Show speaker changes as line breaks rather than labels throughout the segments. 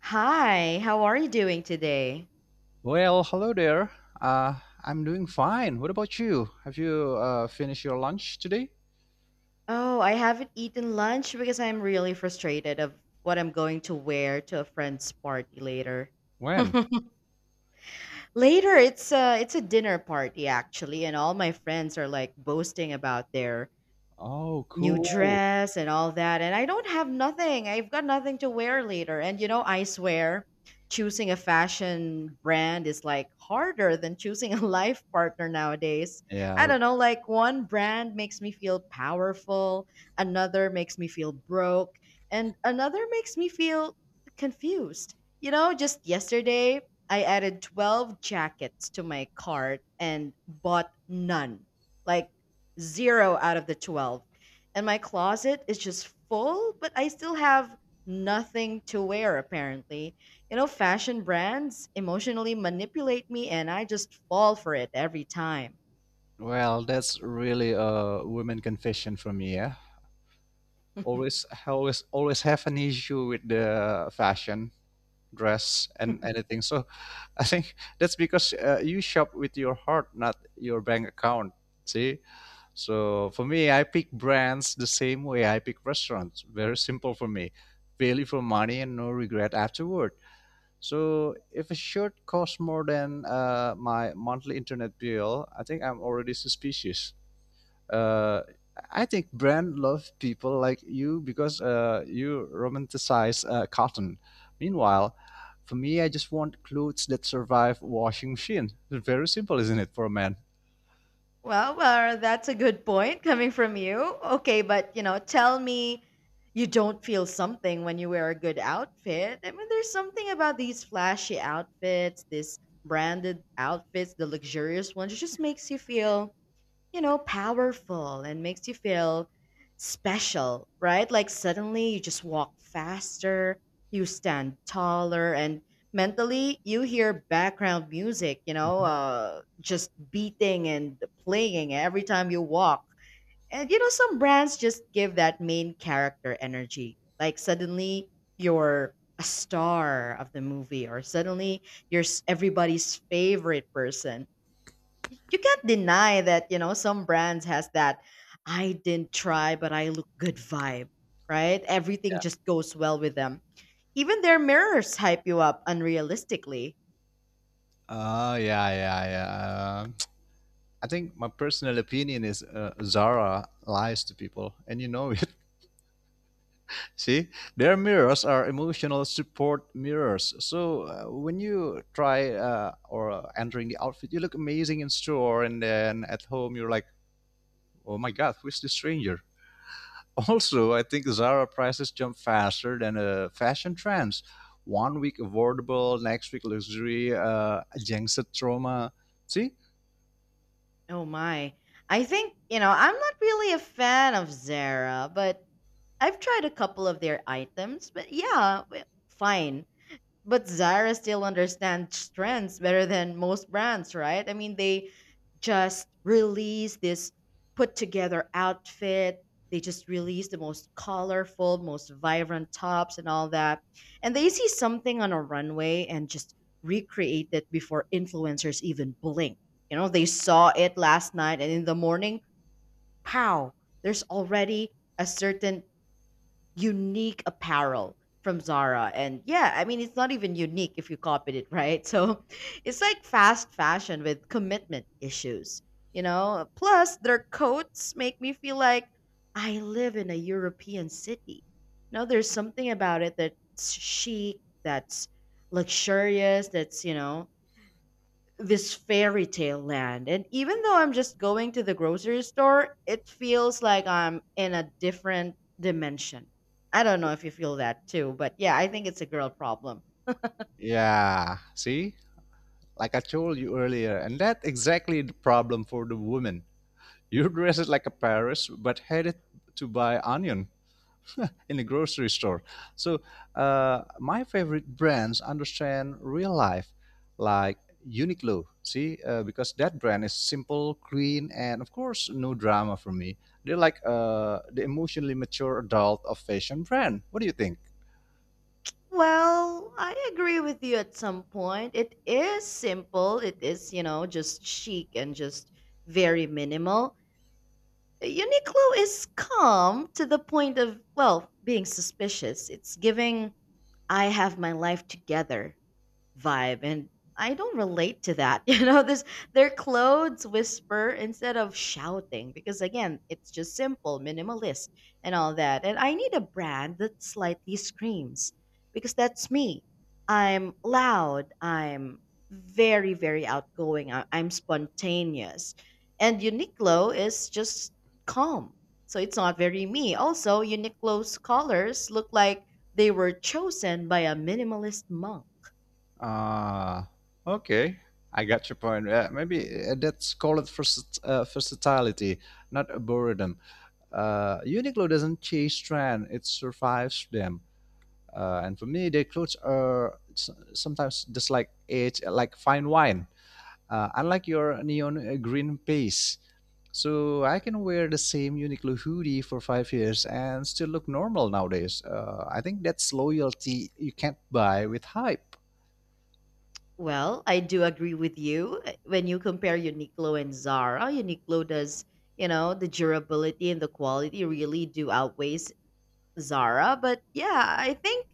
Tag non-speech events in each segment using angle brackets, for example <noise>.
Hi, how are you doing today?
Well, hello there. I'm doing fine. What about you? Have you finished your lunch today?
Oh, I haven't eaten lunch because I'm really frustrated of what I'm going to wear to a friend's party later.
When?
<laughs> Later, it's a dinner party actually, and all my friends are like boasting about their
Oh,
new
cool.
dress and all that, and I don't have nothing. I've got nothing to wear later. And you know, I swear, choosing a fashion brand is like harder than choosing a <laughs> life partner nowadays. I
Yeah.
don't know, like one brand makes me feel powerful, another makes me feel broke, and another makes me feel confused. You know, just yesterday, I added 12 jackets to my cart and bought none. Like zero out of the 12, and my closet is just full, but I still have nothing to wear apparently. You know, fashion brands emotionally manipulate me and I just fall for it every time.
Well, that's really a woman confession for me. Yeah. Always, always, always have an issue with the fashion, dress, and anything. So I think that's because you shop with your heart, not your bank account. See. So for me, I pick brands the same way I pick restaurants. Very simple for me. Value for money and no regret afterward. So if a shirt costs more than my monthly internet bill, I think I'm already suspicious. uh, I think brand love people like you because you romanticize cotton. Meanwhile, for me, I just want clothes that survive washing machine. It's very simple, isn't it, for a man?
Well, well, that's a good point coming from you. Okay, but you know, tell me you don't feel something when you wear a good outfit. I mean, there's something about these flashy outfits, these branded outfits, the luxurious ones, it just makes you feel, powerful, and makes you feel special, right? Like suddenly you just walk faster, you stand taller, and mentally you hear background music, just beating and playing every time you walk. And, you know, some brands just give that main character energy. Like suddenly you're a star of the movie, or suddenly everybody's favorite person. You can't deny that, some brands has that I didn't try but I look good vibe. Right, everything just goes well with them. Even their mirrors hype you up unrealistically.
Oh yeah, yeah, yeah. I think my personal opinion is Zara lies to people, and you know it. <laughs> See, their mirrors are emotional support mirrors. So when you try or entering the outfit, you look amazing in store, and then at home you're like, "Oh my God, who's this stranger?" Also, I think Zara prices jump faster than fashion trends. One week affordable, next week luxury, jinxed trauma. See?
Oh my, I think, I'm not really a fan of Zara, but I've tried a couple of their items, but yeah, fine. But Zara still understands trends better than most brands, right? I mean, they just release this put together outfit. They just release the most colorful, most vibrant tops and all that. And they see something on a runway and just recreate it before influencers even blink. You know, they saw it last night and in the morning, pow, there's already a certain unique apparel from Zara. And yeah, I mean, it's not even unique if you copied it, right? <laughs> So it's like fast fashion with commitment issues, you know? Plus, their coats make me feel like I live in a European city. You know, there's something about it that's chic, that's luxurious, that's, you know, this fairy tale land. And even though I'm just going to the grocery store, it feels like I'm in a different dimension. I don't know if you feel that too, but yeah, I think it's a girl problem.
Yeah, see? Like I told you earlier, and that's exactly the problem for the woman. You dress it like a Paris, but headed to buy onion in a grocery store. So my favorite brands understand real life, like Uniqlo. See, because that brand is simple, clean, and of course, no drama for me. They're like the emotionally mature adult of fashion brand. What do you think?
Well, I agree with you at some point. It is simple, it is, you know, just chic and just very minimal. Uniqlo is calm to the point of, well, being suspicious. It's giving, I have my life together vibe, and I don't relate to that. <laughs> You know, this, their clothes whisper instead of shouting because again, it's just simple, minimalist and all that. And I need a brand that slightly screams because that's me. I'm loud, I'm very very outgoing, I'm spontaneous. And Uniqlo is just calm. So it's not very me. Also, Uniqlo's colors look like they were chosen by a minimalist monk.
Ah, okay. I got your point. Yeah, maybe that's called versatility, not a boredom. Uniqlo doesn't chase trend; it survives them. And for me, their clothes are sometimes just like age, like fine wine. Unlike your neon green base, so I can wear the same Uniqlo hoodie for 5 years and still look normal nowadays. I think that's loyalty you can't buy with hype.
Well, I do agree with you. When you compare Uniqlo and Zara, Uniqlo does, you know, the durability and the quality really do outweighs Zara. But yeah, I think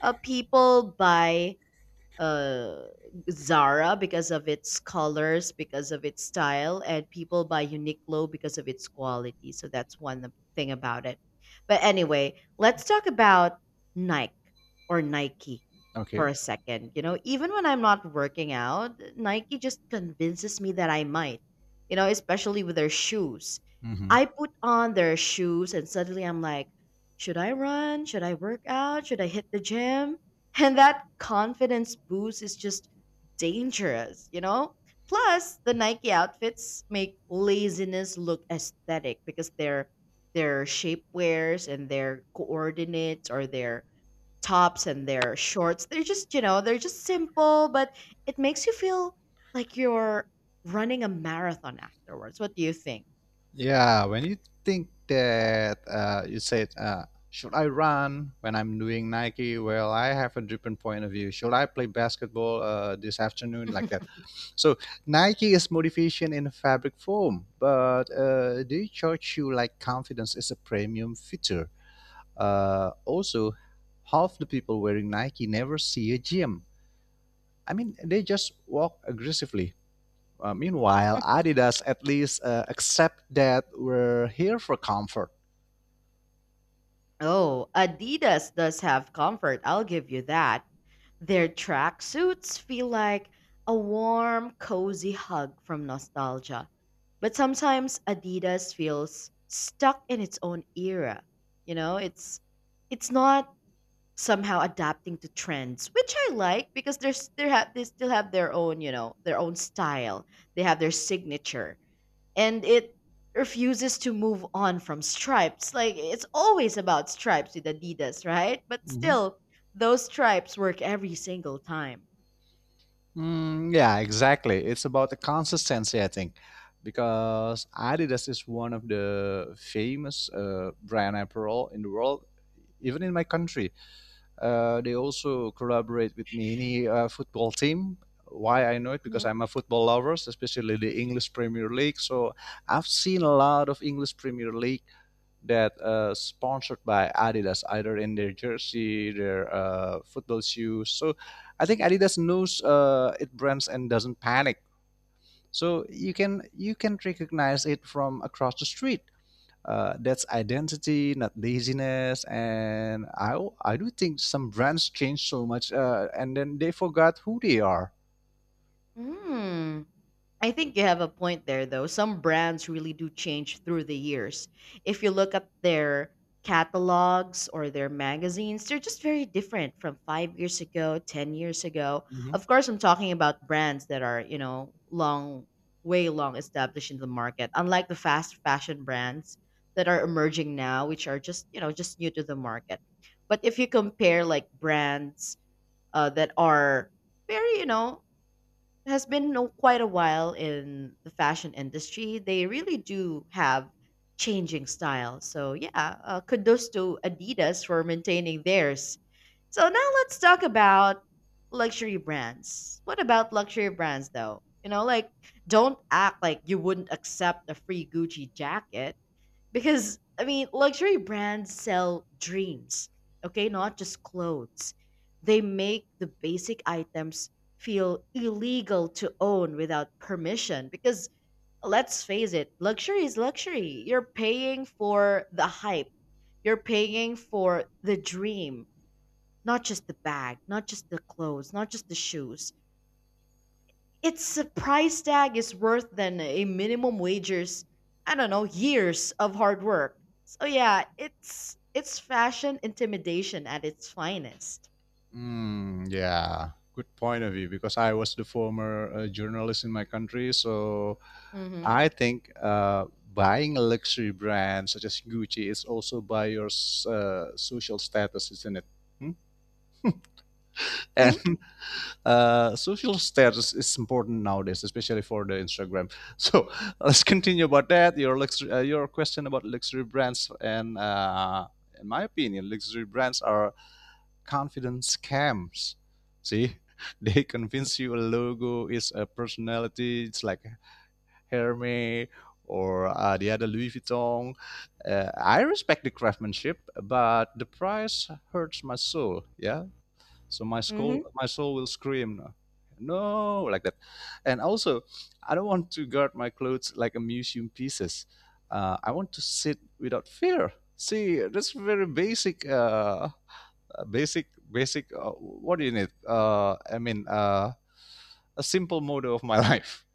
people buy uh Zara because of its colors, because of its style, and people buy Uniqlo because of its quality. So that's one of- thing about it. But anyway, let's talk about Nike Nike
Okay.
for a second. You know, even when I'm not working out, Nike just convinces me that I might, you know, especially with their shoes.
Hmm.
I put on their shoes and suddenly I'm like, should I run? Should I work out? Should I hit the gym? And that confidence boost is just dangerous, you know? Plus, the Nike outfits make laziness look aesthetic because their shapewears and their coordinates or their tops and their shorts, they're just, you know, they're just simple, but it makes you feel like you're running a marathon afterwards. What do you think?
Yeah, when you think that you said, should I run when I'm doing Nike? Well, I have a different point of view. Should I play basketball this afternoon like that?
<laughs>
So Nike is motivation in a fabric form, but they charge you like confidence is a premium feature. Also, half the people wearing Nike never see a gym. I mean, they just walk aggressively. Meanwhile, Adidas at least accept that we're here for comfort.
Oh, Adidas does have comfort, I'll give you that. Their tracksuits feel like a warm, cozy hug from nostalgia. But sometimes Adidas feels stuck in its own era. You know, it's not somehow adapting to trends, which I like because they have they still have their own, you know, their own style. They have their signature, and it refuses to move on from stripes. Like it's always about stripes with Adidas, right? But
Hmm.
still, those stripes work every single time.
Mm, yeah, exactly. It's about the consistency, I think, because Adidas is one of the famous brand apparel in the world, even in my country. They also collaborate with many football team. Why I know it because
Mhm.
I'm a football lover, especially the English Premier League. So I've seen a lot of English Premier League that sponsored by Adidas, either in their jersey, their football shoes. So I think Adidas knows it brands and doesn't panic. So you can recognize it from across the street. That's identity, not laziness. And I do think some brands change so much, and then they forgot who they are.
Hmm. I think you have a point there, though. Some brands really do change through the years. If you look at their catalogs or their magazines, they're just very different from 5 years ago, 10 years ago.
Mm-hmm.
Of course, I'm talking about brands that are, you know, long, way long established in the market, unlike the fast fashion brands that are emerging now, which are just, you know, just new to the market. But if you compare like brands that are very, you know, has been no, quite a while in the fashion industry. They really do have changing styles. So yeah, kudos to Adidas for maintaining theirs. So now let's talk about luxury brands. What about luxury brands though? You know, like don't act like you wouldn't accept a free Gucci jacket, because I mean, luxury brands sell dreams, okay, not just clothes. They make the basic items feel illegal to own without permission because let's face it, luxury is luxury. You're paying for the hype, you're paying for the dream, not just the bag, not just the clothes, not just the shoes. Its price tag is worth than a minimum wages, I don't know, years of hard work. So yeah, it's fashion intimidation at its finest.
Mm, yeah, good point of view because I was the former journalist in my country, so
Mm-hmm.
I think buying a luxury brand such as Gucci is also by your social status, isn't it? Hmm? And <laughs> social status is important nowadays, especially for the Instagram. So <laughs> let's continue about that. Your question about luxury brands, and in my opinion, luxury brands are confidence scams. See, <laughs> they convince you a logo is a personality. It's like Hermes or the other Louis Vuitton. I respect the craftsmanship, but the price hurts my soul. Yeah, so my
Hmm?
soul, my soul will scream, no, like that. And also, I don't want to guard my clothes like a museum pieces. I want to sit without fear. See, that's very basic. What do you need? I mean, a simple motto of my <laughs> life.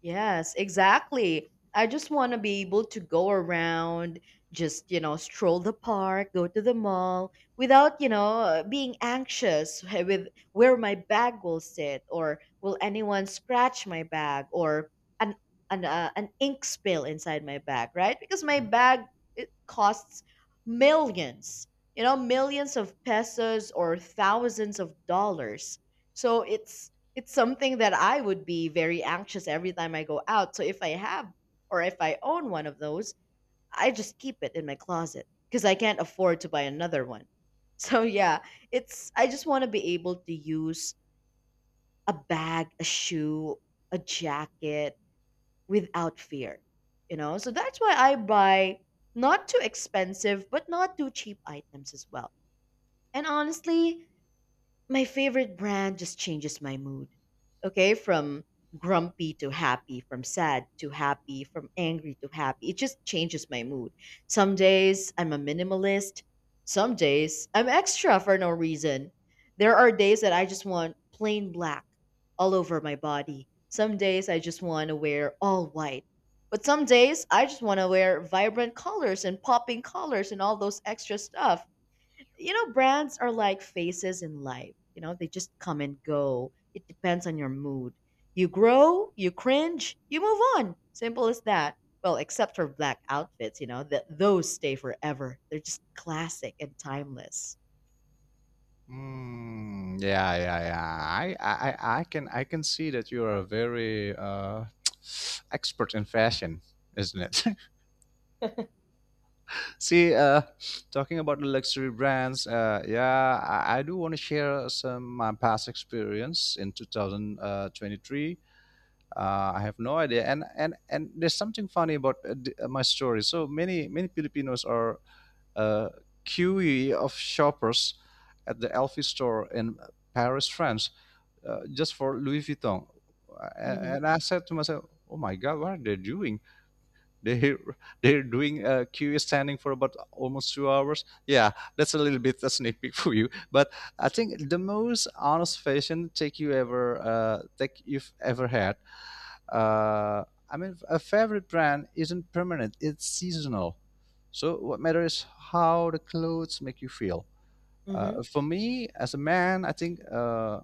Yes, exactly. I just want to be able to go around, just, you know, stroll the park, go to the mall without, you know, being anxious <laughs> with where my bag will sit, or will anyone scratch my bag, or an an ink spill inside my bag, right? Because my bag, it costs millions, you know, millions of pesos or thousands of dollars. So it's something that I would be very anxious every time I go out. So if I have, or if I own one of those, I just keep it in my closet because I can't afford to buy another one. <laughs> So yeah, it's I just want to be able to use a bag, a shoe, a jacket without fear. You know? So that's why I buy not too expensive but not too cheap items as well. And honestly, my favorite brand just changes my mood. Okay, from grumpy to happy, from sad to happy, from angry to happy. It just changes my mood. Some days I'm a minimalist, some days I'm extra for no reason. There are days that I just want plain black all over my body. Some days I just want to wear all white. But some days I just want to wear vibrant colors and popping colors and all those extra stuff. You know, brands are like phases in life. You know, they just come and go. It depends on your mood. You grow, you cringe, you move on. Simple as that. Well, except for black outfits, you know, that those stay forever. They're just classic and timeless. <laughs>
Mm, yeah, yeah, yeah. I can see that you are a very <sniffs> <tsk> expert in fashion, isn't it? <laughs> See, talking about the luxury brands, yeah, I do want to share some my past experience in 2023. I have no idea, and there's something funny about my story. So many Filipinos are uh, queue of shoppers at the Elfi store in Paris, France, just for Louis Vuitton. A-
Mhm.
And I said to myself, "Oh my God, what are they doing? They <laughs> they're doing Q a queue standing for about almost 2 hours. Yeah, that's a little bit a sneak peek <laughs> for you. But I think the most honest fashion take you've ever had. I mean, a favorite brand isn't permanent; it's seasonal. So what matters is how the clothes make you feel.
Mhm.
For me, as a man, I think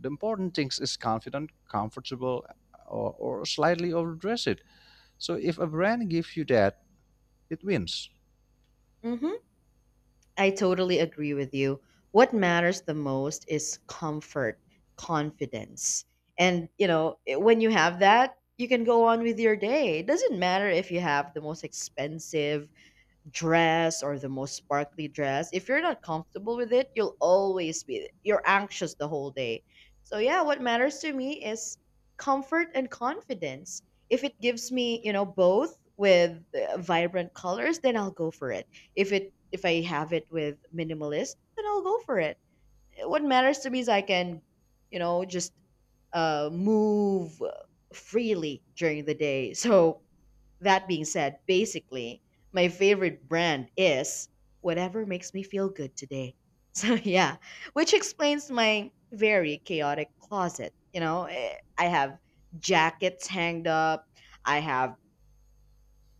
the important things is confident, comfortable, or slightly overdressed. So if a brand gives you that, it wins.
Mhm. I totally agree with you. What matters the most is comfort, confidence. And, you know, when you have that, you can go on with your day. It doesn't matter if you have the most expensive dress or the most sparkly dress, if you're not comfortable with it, you'll always be, you're anxious the whole day. So yeah, what matters to me is comfort and confidence. If it gives me, you know, both with vibrant colors, then I'll go for it. If it, if I have it with minimalist, then I'll go for it. What matters to me is I can, you know, just move freely during the day. So that being said, basically, my favorite brand is whatever makes me feel good today. <laughs> So, yeah, which explains my very chaotic closet. You know, eh, I have jackets hanged up, I have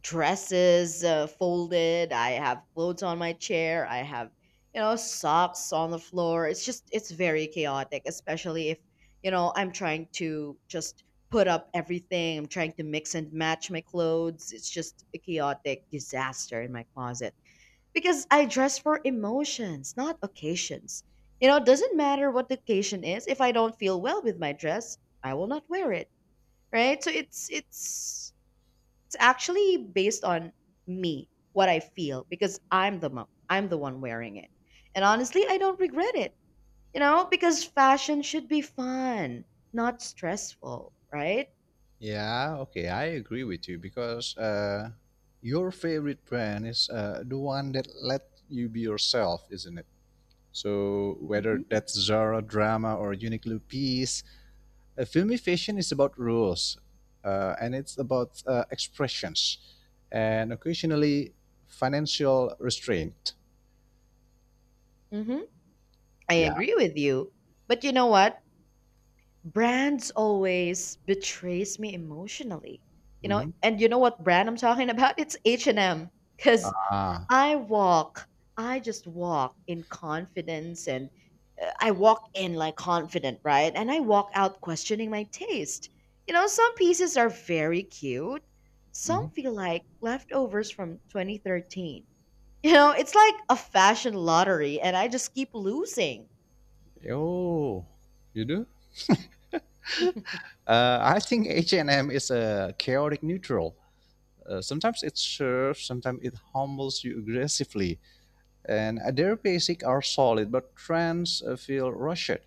dresses folded. I have clothes on my chair. I have, you know, socks on the floor. It's just, it's very chaotic, especially if, you know, I'm trying to just put up everything. I'm trying to mix and match my clothes. It's just a chaotic disaster in my closet because I dress for emotions, not occasions. You know, it doesn't matter what the occasion is. If I don't feel well with my dress, I will not wear it. Right? So it's actually based on me, what I feel, because I'm the one wearing it. And honestly, I don't regret it. You know, because fashion should be fun, not stressful, right?
Yeah, okay, I agree with you because your favorite brand is the one that let you be yourself, isn't it? So whether
hmm
that's Zara drama or Uniqlo piece, a filmy fashion is about rules, and it's about expressions, and occasionally financial restraint.
hmm I
Yeah.
agree with you. But you know what? Brands always betrays me emotionally. You know,
Hmm.
and you know what brand I'm talking about? It's H&M. Because
Ah.
I walk. I just walk in confidence and I walk in like confident, right? And I walk out questioning my taste. You know, some pieces are very cute. Some
Hmm.
feel like leftovers from 2013. You know, it's like a fashion lottery and I just keep losing. <laughs>
Oh, you do? I think H and M is a chaotic neutral. Sometimes it serves, sometimes it humbles you aggressively, and their basic are solid, but trends feel rushed.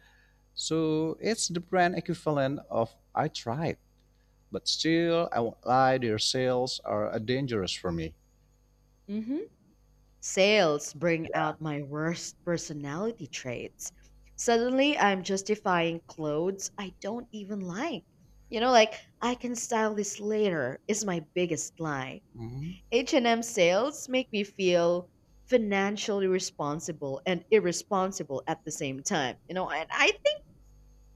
So it's the brand equivalent of I tried, but still I won't lie, their sales are dangerous for me.
Mhm. Sales bring
Yeah.
out my worst personality traits. Suddenly, I'm justifying clothes I don't even like. You know, like I can style this later is my biggest lie.
Mhm.
H&M sales make me feel financially responsible and irresponsible at the same time. You know, and I think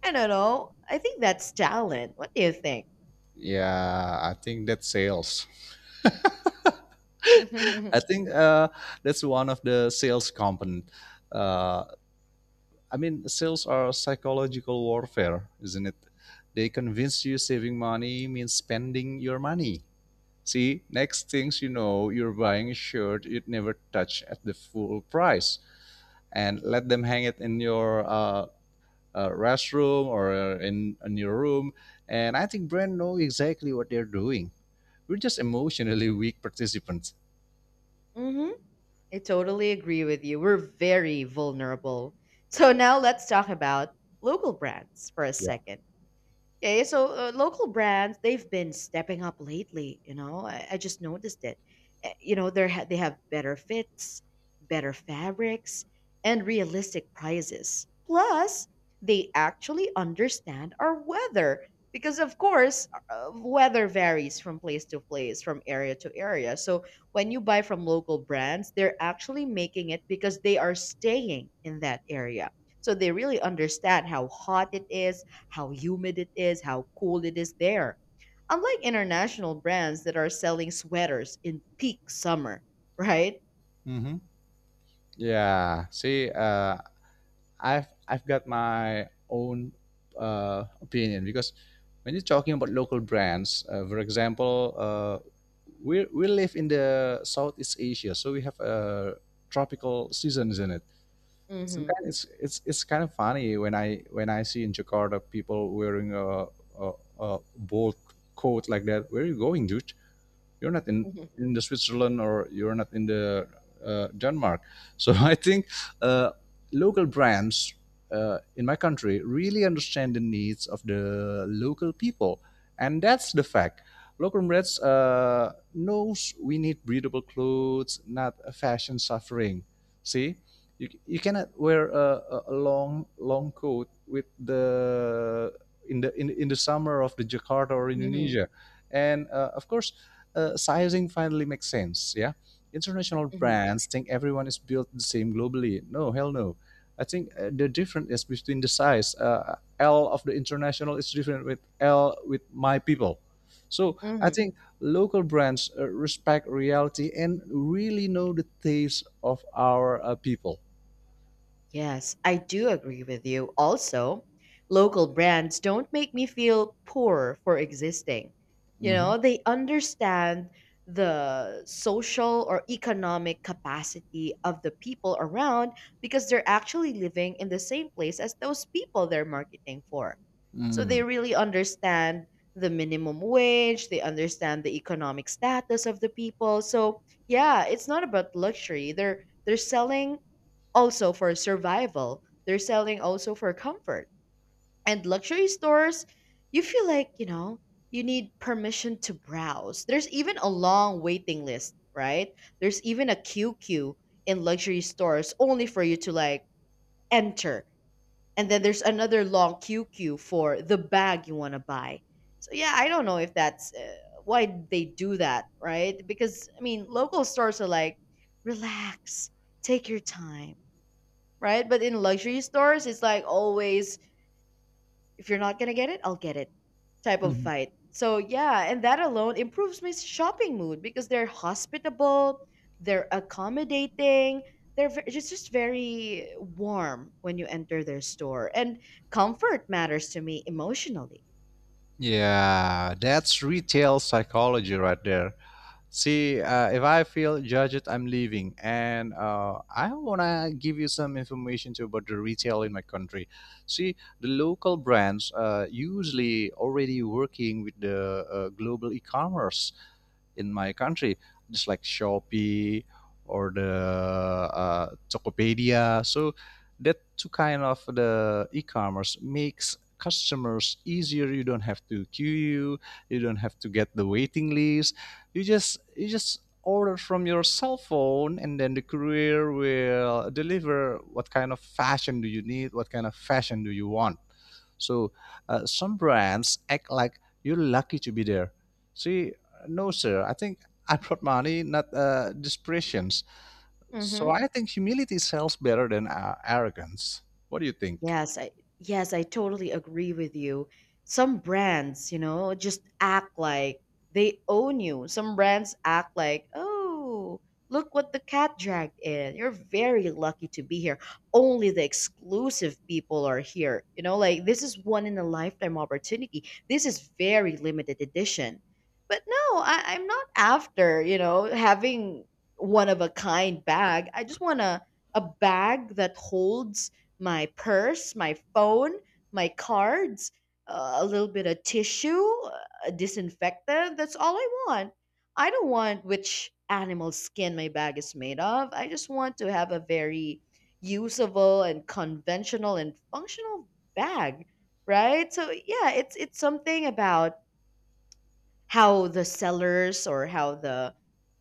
I don't know. I think that's talent. What do you think?
Yeah, I think that's sales. <laughs> I
<laughs>
think that's one of the sales component. Uh, I mean, sales are psychological warfare, isn't it? They convince you saving money means spending your money. See, next things you know, you're buying a shirt you'd never touch at the full price, and let them hang it in your restroom or in your room. And I think brand know exactly what they're doing. We're just emotionally <laughs> weak participants.
Hmm. I totally agree with you. We're very vulnerable. So now let's talk about local brands for a
Yeah.
second. Okay, so local brands, they've been stepping up lately, you know. I just noticed it. Eh, you know, they have better fits, better fabrics, and realistic prices. Plus, they actually understand our weather because of course, weather varies from place to place, from area to area. So, when you buy from local brands, they're actually making it because they are staying in that area. So, they really understand how hot it is, how humid it is, how cool it is there. Unlike international brands that are selling sweaters in peak summer, right?
Mm-hmm. Yeah. See, I've got my own opinion because when you're talking about local brands, for example, we live in the Southeast Asia, so we have tropical seasons in it. Some
Mm-hmm.
kind it's kind of funny when I see in Jakarta people wearing a, a bold coat like that. Where are you going, dude? You're not in
Mm-hmm.
the Switzerland or you're not in the Denmark. <laughs> So I think uh, local brands in my country really understand the needs of the local people, and that's the fact. Local brands knows we need breathable clothes, not a fashion suffering. See, you cannot wear a long coat with the in the summer of the Jakarta or
Mm-hmm.
Indonesia, and of course sizing finally makes sense. Yeah, international brands think everyone is built the same globally. No, hell no. I think the difference is between the size. L of the international is different with L with my people. So I
Mm-hmm.
think local brands respect reality and really know the taste of our people.
Yes, I do agree with you. Also, local brands don't make me feel poor for existing. You
Mhm.
know, they understand the social or economic capacity of the people around because they're actually living in the same place as those people they're marketing for. So they
Mm.
really understand the minimum wage, they understand the economic status of the people. So, yeah, it's not about luxury. They're selling also for survival. They're selling also for comfort. And luxury stores, you feel like, you know, you need permission to browse. There's even a long waiting list, right? There's even a queue in luxury stores only for you to like enter. And then there's another long queue for the bag you want to buy. So yeah, I don't know if that's why they do that, right? Because I mean, local stores are like relax, take your time, right? But in luxury stores, it's like always, if you're not gonna get it, I'll get it type of
Mhm.
fight. So yeah, and that alone improves my shopping mood because they're hospitable, they're accommodating, it's just very warm when you enter their store, and comfort matters to me emotionally.
Yeah, that's retail psychology right there. See, if I feel judged, I'm leaving. And I want to give you some information too about the retail in my country. See, the local brands usually already working with the global e-commerce in my country, just like Shopee or the Tokopedia. So that two kind of the e-commerce makes customers easier. You don't have to queue. You don't have to get the waiting list. You just order from your cell phone, and then the courier will deliver what kind of fashion do you need, what kind of fashion do you want. So some brands act like you're lucky to be there. See, no, sir. I think I brought money, not dispressions. So
Mm-hmm.
I think humility sells better than arrogance. What do you think?
Yes, I yes, I totally agree with you. Some brands, you know, just act like they own you. Some brands act like, "Oh, look what the cat dragged in. You're very lucky to be here. Only the exclusive people are here." You know, like this is one in a lifetime opportunity. This is very limited edition. But no, I, I'm not after, you know, having one of a kind bag. I just want to a bag that holds my purse, my phone, my cards, a little bit of tissue, a disinfectant. That's all I want. I don't want which animal skin my bag is made of. I just want to have a very usable and conventional and functional bag, right? So yeah, it's something about how the sellers or how the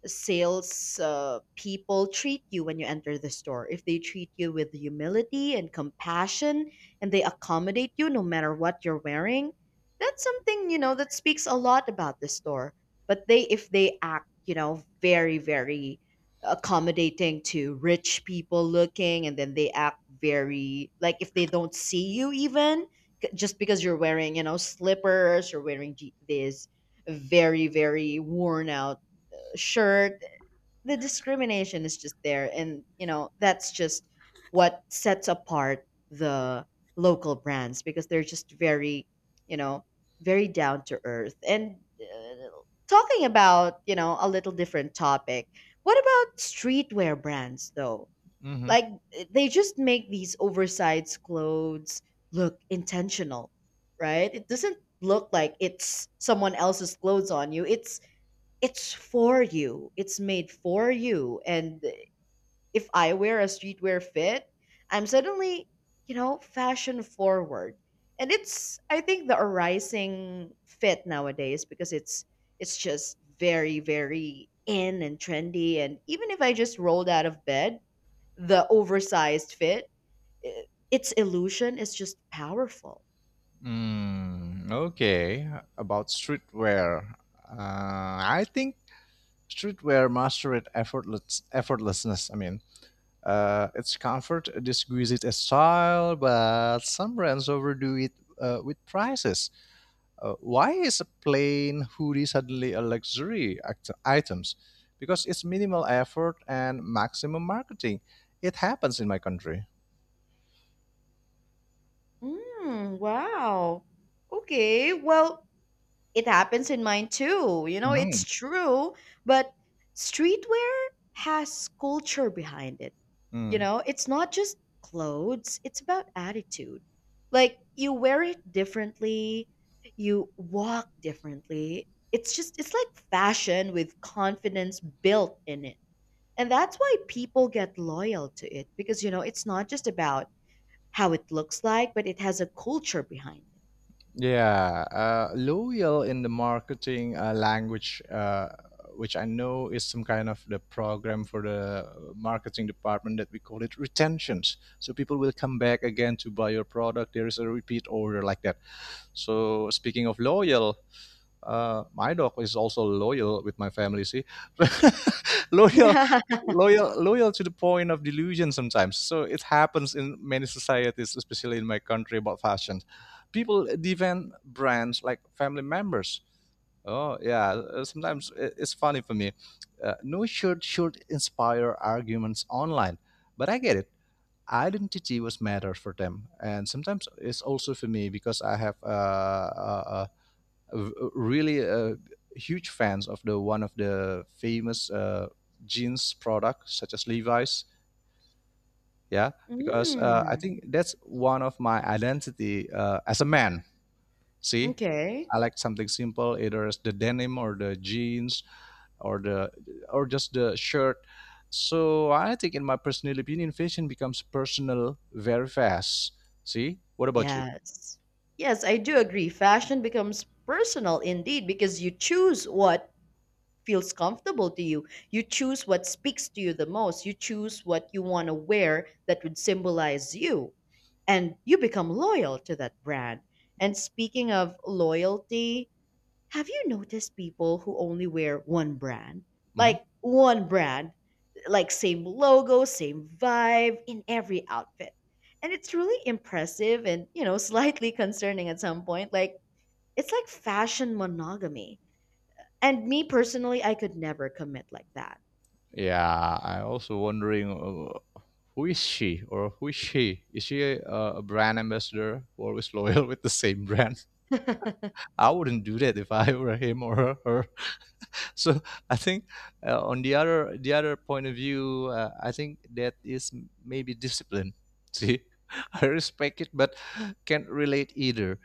sales people treat you when you enter the store. If they treat you with humility and compassion and they accommodate you no matter what you're wearing, that's something, you know, that speaks a lot about the store. But they, if they act, you know, very, very accommodating to rich people looking and then they act very, like if they don't see you even, just because you're wearing, you know, slippers, you're wearing these very very worn out shirt, the discrimination is just there and you know that's just what sets apart the local brands because they're just very, you know, very down to earth and talking about, you know, a little different topic, what about streetwear brands though?
Hmm.
Like, they just make these oversized clothes look intentional, right? It doesn't look like it's someone else's clothes on you. It's for you. It's made for you. And if I wear a streetwear fit, I'm suddenly, you know, fashion forward. And it's, I think, the arising fit nowadays because it's just very very in and trendy, and even if I just rolled out of bed, the oversized fit, i- its illusion is just powerful.
Mm, okay, about streetwear. Uh, I think streetwear mastered effortless effortlessness. I mean, its comfort disguises its style, but some brands overdo it with prices. Why is a plain hoodie suddenly a luxury items? Because it's minimal effort and maximum marketing. It happens in my country.
Mm, wow. Okay, well, it happens in mine too. You know, it's
Mhm.
true, but streetwear has culture behind it. You
Mm.
know, it's not just clothes, it's about attitude. Like, you wear it differently, you walk differently. It's just, it's like fashion with confidence built in it. And that's why people get loyal to it because, you know, it's not just about how it looks like, but it has a culture behind
Yeah, L'Oreal in the marketing language, which I know is some kind of the program for the marketing department that we call it retentions. So people will come back again to buy your product. There is a repeat order like that. So speaking of L'Oreal, my dog is also loyal with my family. See, <laughs> loyal,
it. <laughs>
loyal, loyal to the point of delusion sometimes. So it happens in many societies, especially in my country about fashion. People defend brands like family members. Oh yeah, sometimes it's funny for me. No shirt should inspire arguments online, but I get it. Identity was matters for them, and sometimes it's also for me because I have really huge fans of the one of the famous jeans product such as Levi's. Yeah, because I
Mm,
think that's one of my identity as a man. See,
okay.
I like something simple, either as the denim or the jeans or the or just the shirt. So I think, in my personal opinion, fashion becomes personal very fast. See, what about you?
Yes. Yes, I do agree. Fashion becomes personal indeed because you choose what feels comfortable to you. You choose what speaks to you the most. You choose what you want to wear that would symbolize you. And you become loyal to that brand. And speaking of loyalty, have you noticed people who only wear one brand?
Hmm.
Like one brand, like same logo, same vibe in every outfit. And it's really impressive and, you know, <laughs> slightly concerning at some point. Like, it's like fashion monogamy. And me personally, I could never commit like that.
Yeah, I also wondering who is she or who is she? Is she a brand ambassador who always <laughs> loyal with the same brand?
<laughs>
<laughs> I wouldn't do that if I were him or her. So I think on the other point of view, I think that is maybe discipline. <laughs> See, I respect it, but can't relate either.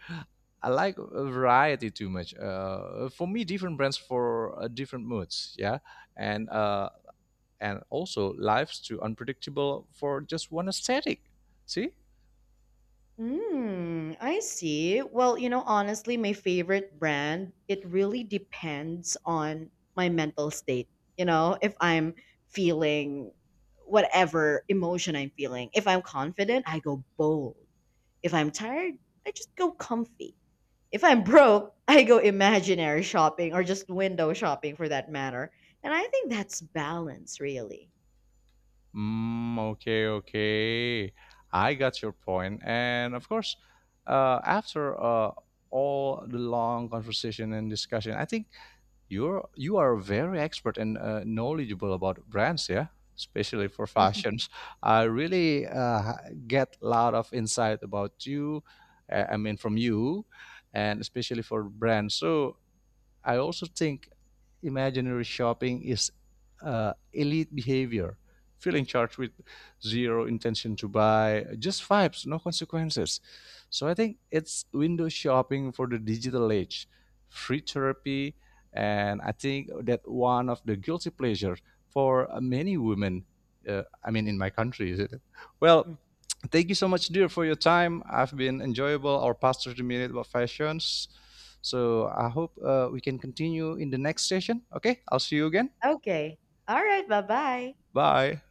I like a variety too much. For me, different brands for different moods, yeah, and uh, and also lives too unpredictable for just one aesthetic. See,
Hmm. I see. Well, you know, honestly, my favorite brand, it really depends on my mental state. You know, if I'm feeling whatever emotion I'm feeling. If I'm confident, I go bold. If I'm tired, I just go comfy. If I'm <laughs> broke, I go imaginary shopping or just window shopping for that matter. And I think that's balance, really.
mm, okay, okay. I got your point. And of course, after all the long conversation and discussion, I think you are very expert and knowledgeable about brands, yeah, especially for
<laughs>
fashions. I really get a lot of insight about you, I mean, from you, and especially for brands. So I also think imaginary shopping is elite behavior, feeling charged with zero intention to buy, just vibes, no consequences. So I think it's window shopping for the digital age, free therapy, and I think that one of the guilty pleasures for many women. I mean, in my country, is it? Well, thank you so much, dear, for your time. I've been enjoyable our past 30 minutes about fashions. So I hope we can continue in the next session. Okay, I'll see you again.
Okay. All right. Bye bye.
Bye.